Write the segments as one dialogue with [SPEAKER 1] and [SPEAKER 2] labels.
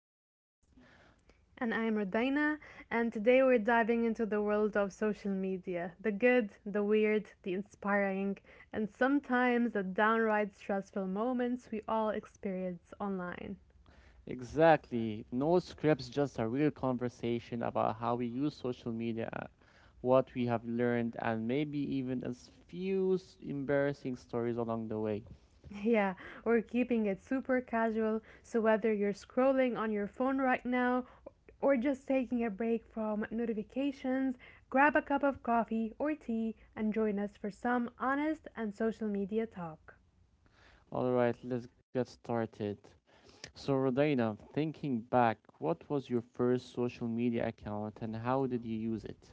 [SPEAKER 1] I'm Yasin.
[SPEAKER 2] And I am Rodina, and today we're diving into the world of social media the good, the weird, the inspiring, and sometimes the downright stressful moments we all experience online.
[SPEAKER 1] Exactly, no scripts, just a real conversation about how we use social media, what we have learned, and maybe even a s- few s- embarrassing stories along the way.
[SPEAKER 2] Yeah, we're keeping it super casual, so whether you're scrolling on your phone right now or just taking a break from notifications, grab a cup of coffee or tea and join us for some honest and social media talk.
[SPEAKER 1] All right, let's get started. So, Rodina, thinking back, what was your first social media account and how did you use it?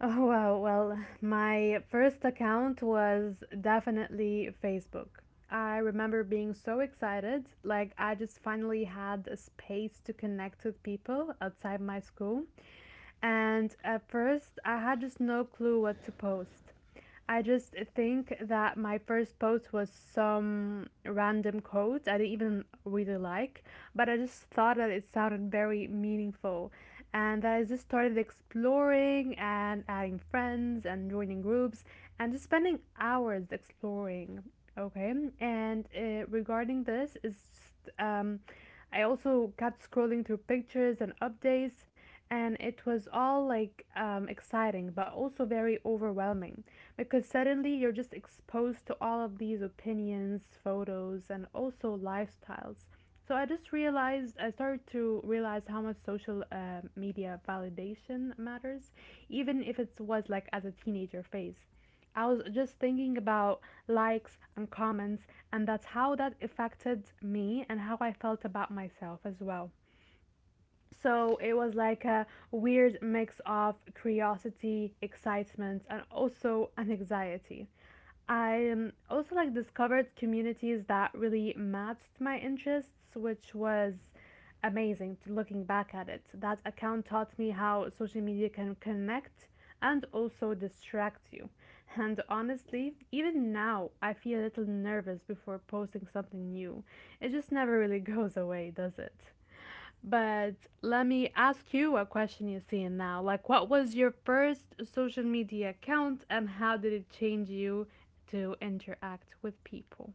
[SPEAKER 2] Oh, wow. Well, my first account was definitely Facebook. I remember being so excited. Like, I just finally had a space to connect with people outside my school. And at first, I had just no clue what to post. I just think that my first post was some random quote I didn't even really like, but I just thought that it sounded very meaningful. And I just started exploring and adding friends and joining groups and just spending hours exploring. Okay, and regarding this, is just I also kept scrolling through pictures and updates and it was all like exciting but also very overwhelming because suddenly you're just exposed to all of these opinions, photos, and also lifestyles. So I just realized, I started to realize how much social media validation matters, even if it was like as a teenager phase. I was just thinking about likes and comments, and that's how that affected me and how I felt about myself as well. So it was like a weird mix of curiosity, excitement, and also an anxiety. I also like discovered communities that really matched my interests, which was amazing to looking back at it. That account taught me how social media can connect and also distract you. And honestly, even now I feel a little nervous before posting something new. It just never really goes away, does it? But let me ask you a question, Yasin, now. Like, what was your first social media account and how did it change you to interact with people?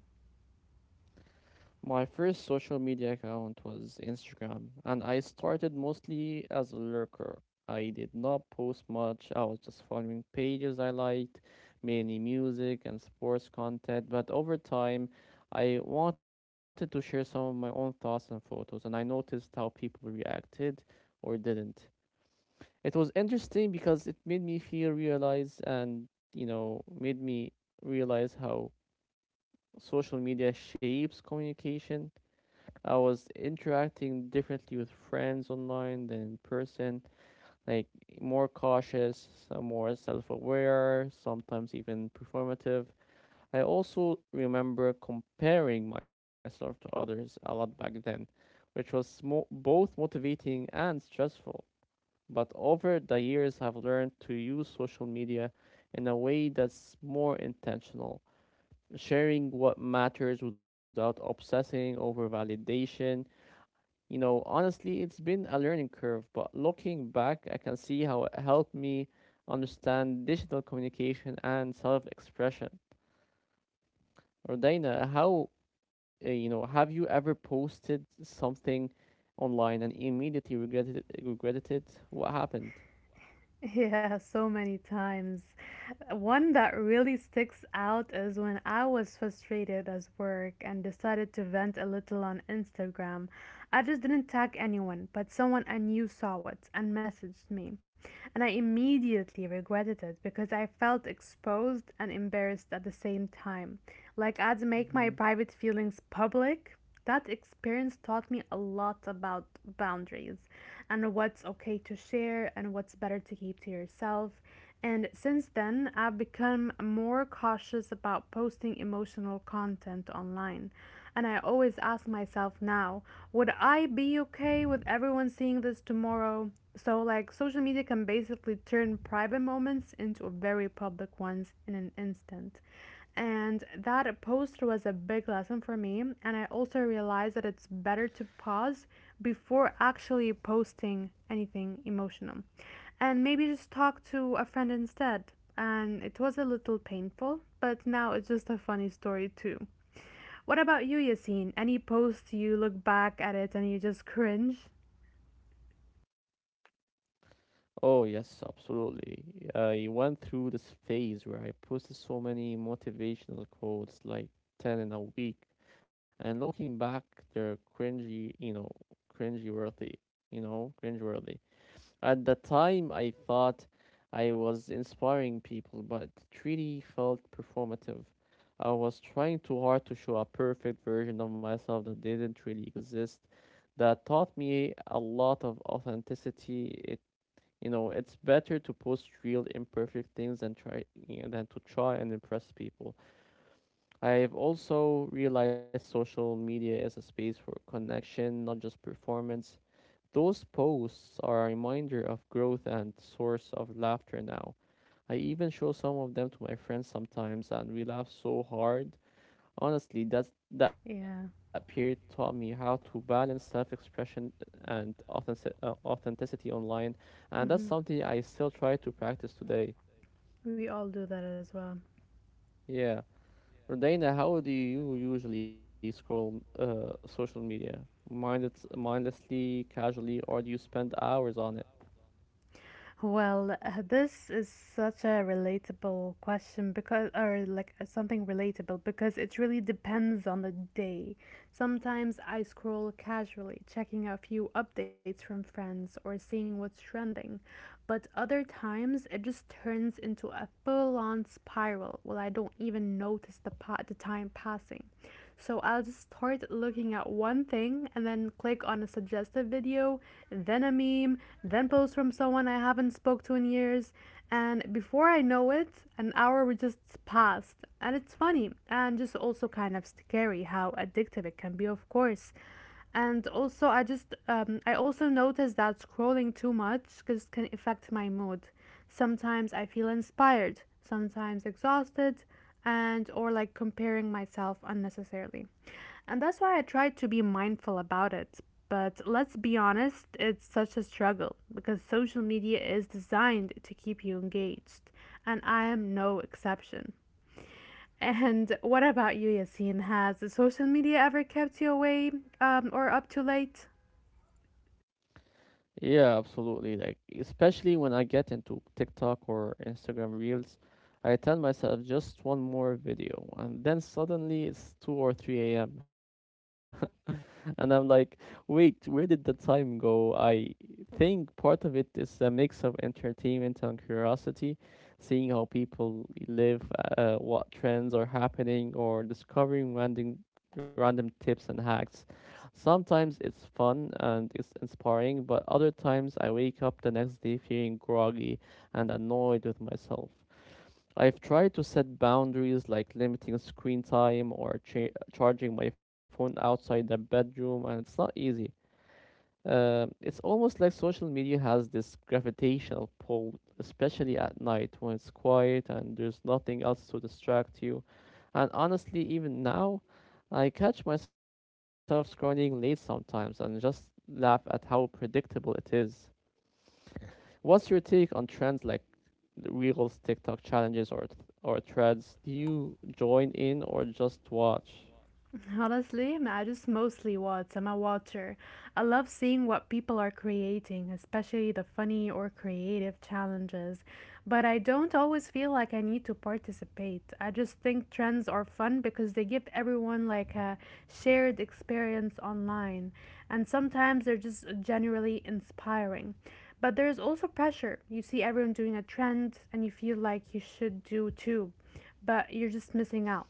[SPEAKER 1] My first social media account was Instagram, and I started mostly as a lurker. I did not post much, I was just following pages I liked, mainly music and sports content, but over time, I wanted to share some of my own thoughts and photos, and I noticed how people reacted or didn't. It was interesting because it made me feel realize and, you know, made me realize how social media shapes communication. I was interacting differently with friends online than in person, like more cautious, more self aware, sometimes even performative. I also remember comparing myself to others a lot back then, which was both motivating and stressful. But over the years, I've learned to use social media in a way that's more intentional, sharing what matters without obsessing over validation. Honestly, it's been a learning curve, but looking back, I can see how it helped me understand digital communication and self-expression. Rodina, have you ever posted something online and immediately regretted it? What happened?
[SPEAKER 2] Yeah, so many times. One that really sticks out is when I was frustrated at work and decided to vent a little on Instagram. I just didn't tag anyone, but someone I knew saw it and messaged me. And I immediately regretted it because I felt exposed and embarrassed at the same time. Like I'd make my
[SPEAKER 1] Mhm.
[SPEAKER 2] private feelings public. That experience taught me a lot about boundaries and what's okay to share and what's better to keep to yourself. And since then, I've become more cautious about posting emotional content online. And I always ask myself now, would I be okay with everyone seeing this tomorrow? So, like, social media can basically turn private moments into very public ones in an instant. And that post was a big lesson for me. And I also realized that it's better to pause before actually posting anything emotional. And maybe just talk to a friend instead. And it was a little painful, but now it's just a funny story too. What about you, Yassine? Any post you look back at it and you just cringe?
[SPEAKER 1] Oh, yes, absolutely. I went through this phase where I posted so many motivational quotes, like 10 in a week. And looking back, they're cringy, you know, cringy worthy, you know, cringe worthy. At the time, I thought I was inspiring people, but it really felt performative. I was trying too hard to show a perfect version of myself that didn't really exist. That taught me a lot of authenticity. It's better to post real imperfect things than to try and impress people. I've also realized social media is a space for connection, not just performance. Those posts are a reminder of growth and source of laughter now. I even show some of them to my friends sometimes and we laugh so hard. Honestly, that period
[SPEAKER 2] Yeah.
[SPEAKER 1] taught me how to balance self-expression and authenticity online, and that's something
[SPEAKER 2] Hmm.
[SPEAKER 1] I still try to practice today.
[SPEAKER 2] We all do that as well.
[SPEAKER 1] Yeah, Rodina, how do you usually scroll social media? Mindlessly, casually, or do you spend hours on it?
[SPEAKER 2] Well, this is such a relatable question because, or like something relatable because it really depends on the day. Sometimes I scroll casually, checking a few updates from friends or seeing what's trending, but other times it just turns into a full on spiral. Well, I don't even notice the time passing. So I'll just start looking at one thing and then click on a suggested video, then a meme, then post from someone I haven't spoke to in years, and before I know it, an hour would just passed. And it's funny and just also kind of scary how addictive it can be, of course. And also I just I also noticed that scrolling too much just can affect my mood. Sometimes I feel inspired, sometimes exhausted, and or like comparing myself unnecessarily. And that's why I try to be mindful about it. But let's be honest, it's such a struggle because social media is designed to keep you engaged, and I am no exception. And what about you, Yassine? Has social media ever kept you away or up too late?
[SPEAKER 1] Yeah, absolutely. Like especially when I get into TikTok or Instagram Reels, I tell myself just one more video, and then suddenly it's two or three a.m. and I'm like, wait, where did the time go? I think part of it is a mix of entertainment and curiosity, seeing how people live, what trends are happening, or discovering random tips and hacks. Sometimes it's fun and it's inspiring, but other times I wake up the next day feeling groggy and annoyed with myself. I've tried to set boundaries like limiting screen time or charging my phone outside the bedroom, and it's not easy. It's almost like social media has this gravitational pull, especially at night when it's quiet and there's nothing else to distract you. And honestly, even now, I catch myself scrolling late sometimes and just laugh at how predictable it is. What's your take on trends like Reels, TikTok challenges, or threads, do you join in or just watch?
[SPEAKER 2] Honestly, I just mostly watch. I'm a watcher. I love seeing what people are creating, especially the funny or creative challenges. But I don't always feel like I need to participate. I just think trends are fun because they give everyone like a shared experience online. And sometimes they're just generally inspiring. But there's also pressure. You see everyone doing a trend and you feel like you should do too, but you're just missing out.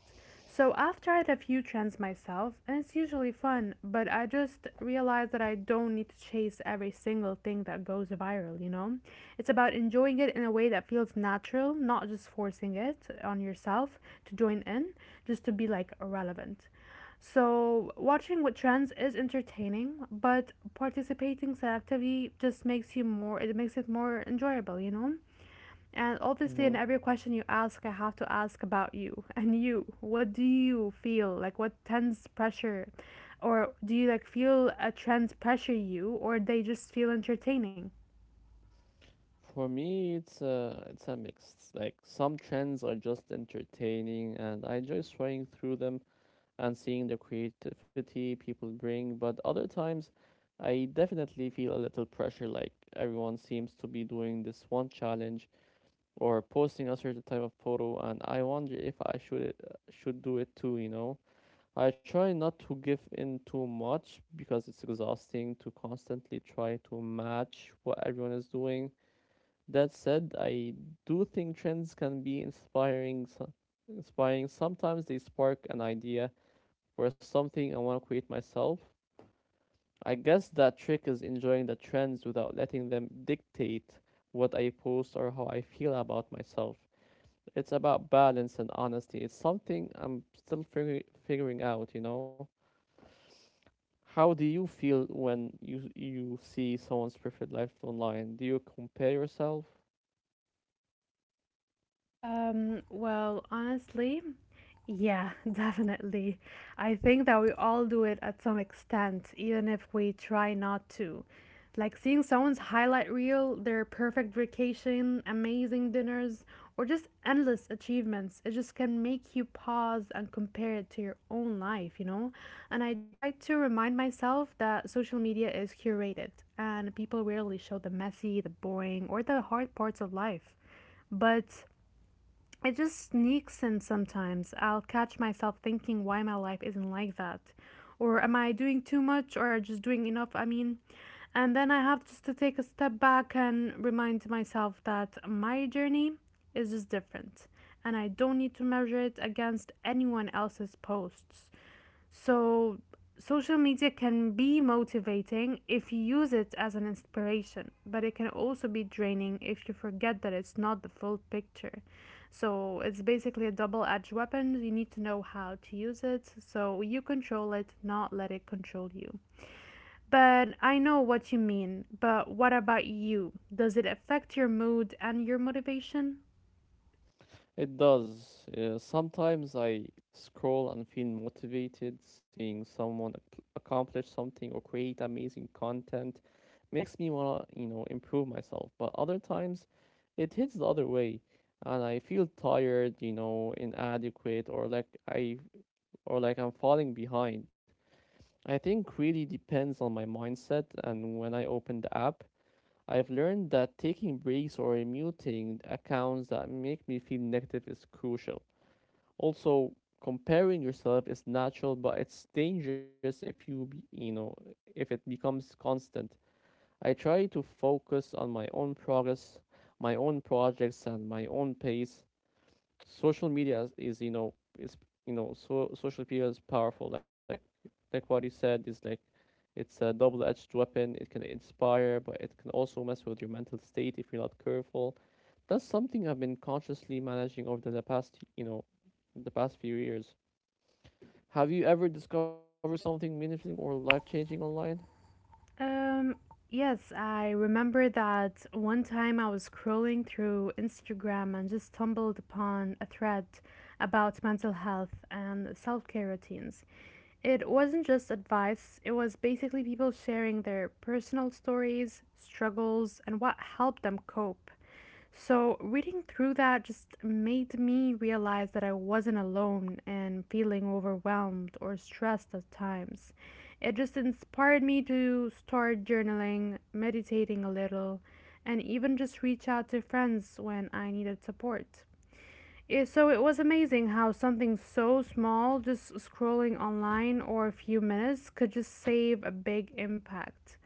[SPEAKER 2] So I've tried a few trends myself, and it's usually fun, but I just realized that I don't need to chase every single thing that goes viral, you know? It's about enjoying it in a way that feels natural, not just forcing it on yourself to join in, just to be like relevant. So watching what trends is entertaining, but participating selectively just makes you more, it makes it more enjoyable, you know? And obviously, in
[SPEAKER 1] hmm
[SPEAKER 2] every question you ask, I have to ask about you and you. What do you feel? Like, what tense pressure? Or do you like feel a trends pressure you, or they just feel entertaining?
[SPEAKER 1] For me, it's a mix. Like some trends are just entertaining, and I enjoy swaying through them and seeing the creativity people bring. But other times, I definitely feel a little pressure. Like everyone seems to be doing this one challenge or posting a certain type of photo, and I wonder if I should do it too. You know. I try not to give in too much because it's exhausting to constantly try to match what everyone is doing. That said, I do think trends can be inspiring. Sometimes they spark an idea for something I want to create myself. I guess that trick is enjoying the trends without letting them dictate what I post or how I feel about myself. It's about balance and honesty. It's something I'm still figure figuring out, you know? How do you feel when you see someone's perfect life online? Do you compare yourself?
[SPEAKER 2] Well, honestly, yeah, definitely. I think that we all do it at some extent, even if we try not to. Like seeing someone's highlight reel, their perfect vacation, amazing dinners, or just endless achievements, it just can make you pause and compare it to your own life, you know? And I try to remind myself that social media is curated and people rarely show the messy, the boring, or the hard parts of life. But it just sneaks in sometimes. I'll catch myself thinking why my life isn't like that. Or am I doing too much or just doing enough? I mean, and then I have just to take a step back and remind myself that my journey is just different and I don't need to measure it against anyone else's posts. So, social media can be motivating if you use it as an inspiration, but it can also be draining if you forget that it's not the full picture. So, it's basically a double edged weapon. You need to know how to use it so you control it, not let it control you. But I know what you mean, but what about you? Does it affect your mood and your motivation?
[SPEAKER 1] It does. Sometimes I scroll and feel motivated. Seeing someone accomplish something or create amazing content makes me wanna, you know, improve myself. But other times, it hits the other way, and I feel tired, you know, inadequate, or like I'm falling behind. I think really depends on my mindset and when I open the app. I've learned that taking breaks or muting accounts that make me feel negative is crucial. Also, comparing yourself is natural, but it's dangerous if you be, you know if it becomes constant. I try to focus on my own progress, my own projects, and my own pace. Social media is you know so Social media is powerful, like what you said, is like it's a double-edged weapon. It can inspire but it can also mess with your mental state if you're not careful. That's something I've been consciously managing over the past you know the past few years. Have you ever discovered something meaningful or life-changing online?
[SPEAKER 2] Um, yes, I remember that one time I was scrolling through Instagram and just stumbled upon a thread about mental health and self care routines. It wasn't just advice, it was basically people sharing their personal stories, struggles, and what helped them cope. So, reading through that just made me realize that I wasn't alone and feeling overwhelmed or stressed at times. It just inspired me to start journaling, meditating a little, and even just reach out to friends when I needed support. It, so, it was amazing how something so small, just scrolling online or a few minutes, could just save a big impact.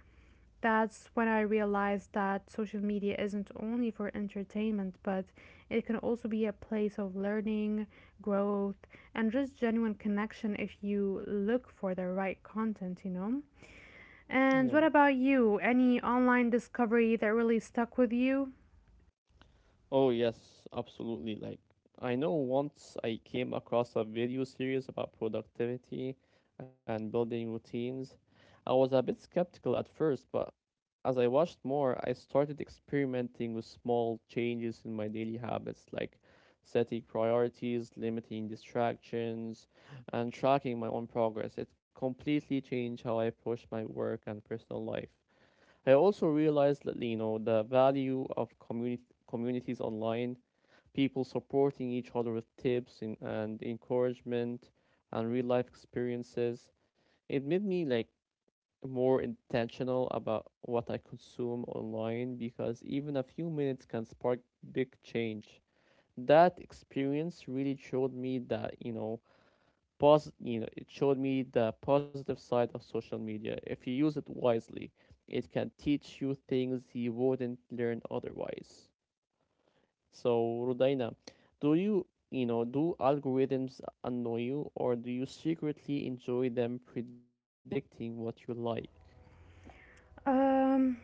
[SPEAKER 2] That's when I realized that social media isn't only for entertainment, but it can also be a place of learning, growth, and just genuine connection if you look for the right content, you know?
[SPEAKER 1] Yeah
[SPEAKER 2] And what about you? Any online discovery that really stuck with you?
[SPEAKER 1] Oh, yes, absolutely. Like, I know once I came across a video series about productivity and building routines. I was a bit skeptical at first, but as I watched more, I started experimenting with small changes in my daily habits, like setting priorities, limiting distractions, and tracking my own progress. It completely changed how I approach my work and personal life. I also realized that you know the value of community communities online, people supporting each other with tips and encouragement and real life experiences. It made me like more intentional about what I consume online because even a few minutes can spark big change. That experience really showed me that, you know, it showed me the positive side of social media. If you use it wisely, it can teach you things you wouldn't learn otherwise. So, Rudaina, do you, do algorithms annoy you or do you secretly enjoy them predicting what you like?
[SPEAKER 2] Um,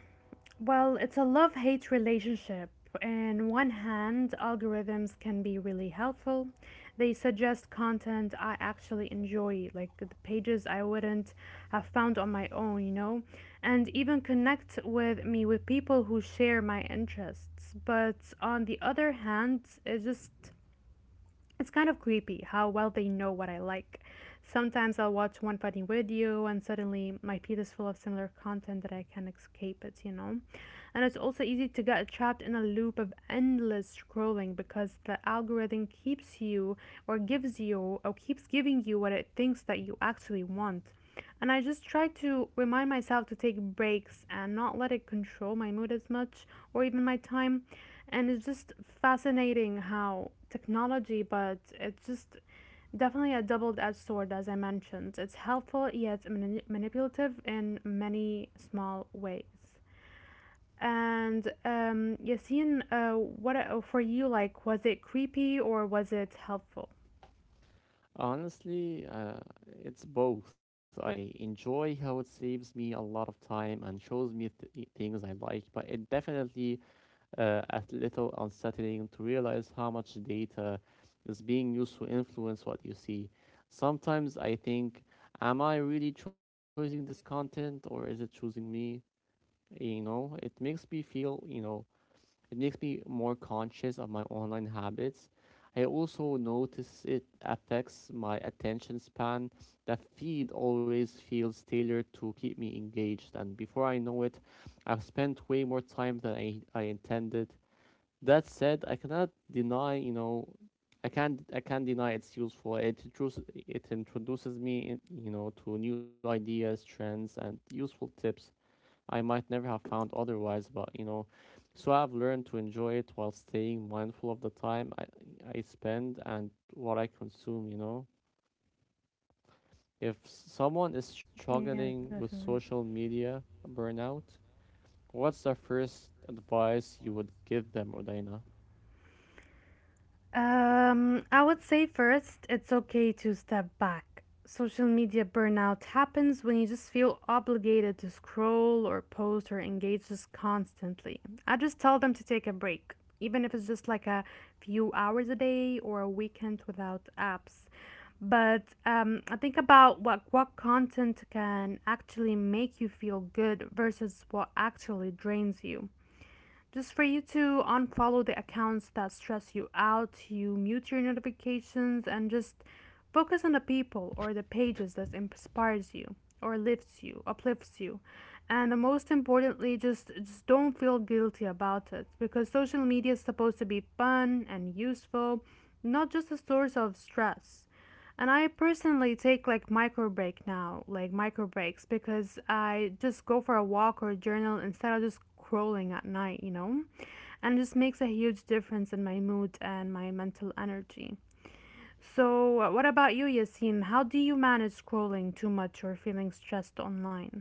[SPEAKER 2] Well, it's a love hate relationship. On one hand, algorithms can be really helpful. They suggest content I actually enjoy, like the pages I wouldn't have found on my own, you know, and even connect with me with people who share my interests. But on the other hand, it just it's kind of creepy how well they know what I like. Sometimes I'll watch one funny video and suddenly my feed is full of similar content that I can not escape it, you know? And it's also easy to get trapped in a loop of endless scrolling because the algorithm keeps you or gives you or keeps giving you what it thinks that you actually want. And I just try to remind myself to take breaks and not let it control my mood as much or even my time. And it's just fascinating how technology, but it's just definitely a double edged sword, as I mentioned. It's helpful yet manipulative in many small ways. And Yassine, what for you? Like, was it creepy or was it helpful?
[SPEAKER 1] Honestly, it's both. I enjoy how it saves me a lot of time and shows me things I like, but it definitely a little unsettling to realize how much data is being used to influence what you see. Sometimes I think, am I really choosing this content or is it choosing me? you know it makes me feel you know it makes me more conscious of my online habits. I also notice it affects my attention span. The feed always feels tailored to keep me engaged and before I know it, I've spent way more time than I intended. That said I cannot deny you know I can't deny it's useful. It introduces me you know, to new ideas, trends, and useful tips. I might never have found otherwise, but you know, so I've learned to enjoy it while staying mindful of the time I spend and what I consume, you know. If someone is
[SPEAKER 2] Yeah,
[SPEAKER 1] struggling with
[SPEAKER 2] definitely.
[SPEAKER 1] social media burnout, what's the first advice you would give them, Udaina?
[SPEAKER 2] I would say first, it's okay to step back. Social media burnout happens when you just feel obligated to scroll or post or engage just constantly. I just tell them to take a break, even if it's just like a few hours a day or a weekend without apps. But I think about what content can actually make you feel good versus what actually drains you. Just for you to unfollow the accounts that stress you out, you mute your notifications and just focus on the people or the pages that inspires you or lifts you, uplifts you. And the most importantly, just don't feel guilty about it because social media is supposed to be fun and useful, not just a source of stress. And I personally take like micro break now, like micro breaks, because I just go for a walk or journal instead of just crawling at night, you know? And it just makes a huge difference in my mood and my mental energy. So, what about you, Yassine? How do you manage scrolling too much or feeling stressed online?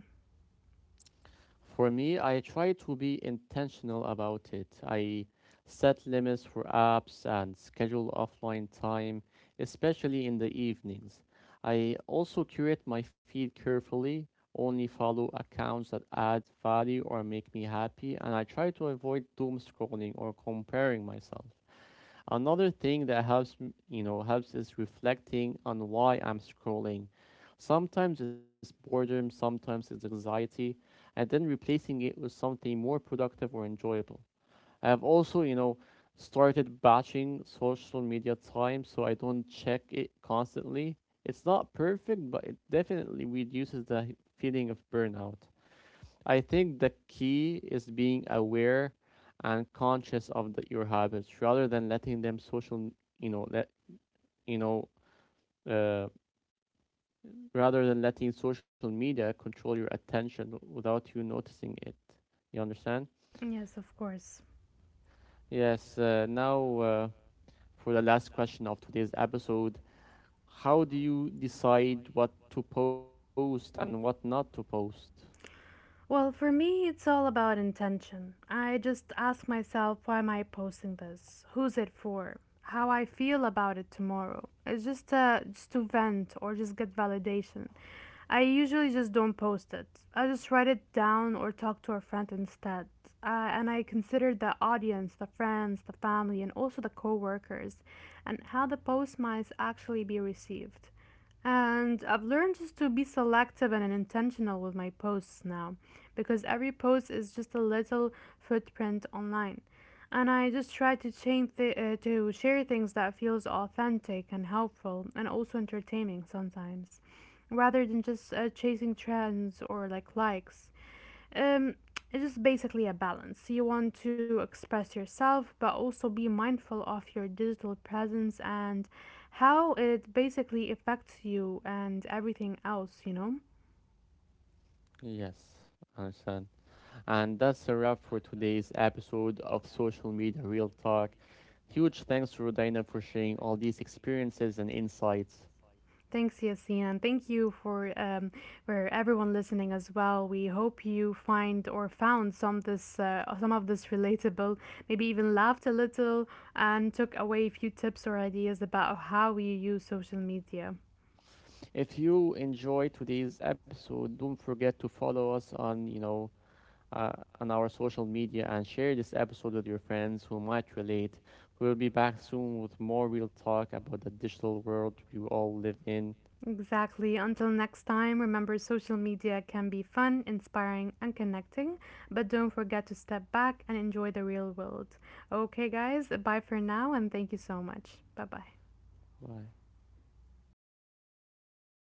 [SPEAKER 1] For me, I try to be intentional about it. I set limits for apps and schedule offline time, especially in the evenings. I also curate my feed carefully, only follow accounts that add value or make me happy, and I try to avoid doom scrolling or comparing myself. Another thing that helps, helps is reflecting on why I'm scrolling. Sometimes it's boredom, sometimes it's anxiety, and then replacing it with something more productive or enjoyable. I have also, you know, started batching social media time so I don't check it constantly. It's not perfect, but it definitely reduces the feeling of burnout. I think the key is being aware and conscious of your habits rather than letting them social, you know, let you know, uh, rather than letting social media control your attention without you noticing it. You understand?
[SPEAKER 2] Yes, of course.
[SPEAKER 1] Yes. Now, for the last question of today's episode, how do you decide what to post and what not to post?
[SPEAKER 2] Well, for me, it's all about intention. I just ask myself, why am I posting this? Who's it for? How I feel about it tomorrow? It's just to vent or just get validation. I usually just don't post it. I just write it down or talk to a friend instead. And I consider the audience, the friends, the family, and also the coworkers, and how the post might actually be received. And I've learned just to be selective and intentional with my posts now because every post is just a little footprint online. And I just try to to share things that feels authentic and helpful and also entertaining sometimes rather than just chasing trends or like likes. Um, it's just basically a balance. You want to express yourself, but also be mindful of your digital presence and how it basically affects you and everything else, you know?
[SPEAKER 1] Yes, I understand. And that's a wrap for today's episode of Social Media Real Talk. Huge thanks to Rodina for sharing all these experiences and insights.
[SPEAKER 2] Thanks, Yasin, and thank you for everyone listening as well. We hope you find or found some this some of this relatable, maybe even laughed a little and took away a few tips or ideas about how you use social media.
[SPEAKER 1] If you enjoyed today's episode, don't forget to follow us on, uh, on our social media and share this episode with your friends who might relate. We'll be back soon with more real talk about the digital world we all live in.
[SPEAKER 2] Exactly. Until next time, remember social media can be fun, inspiring, and connecting, but don't forget to step back and enjoy the real world. Okay, guys, bye for now, and thank you so much. Bye bye.
[SPEAKER 1] Bye.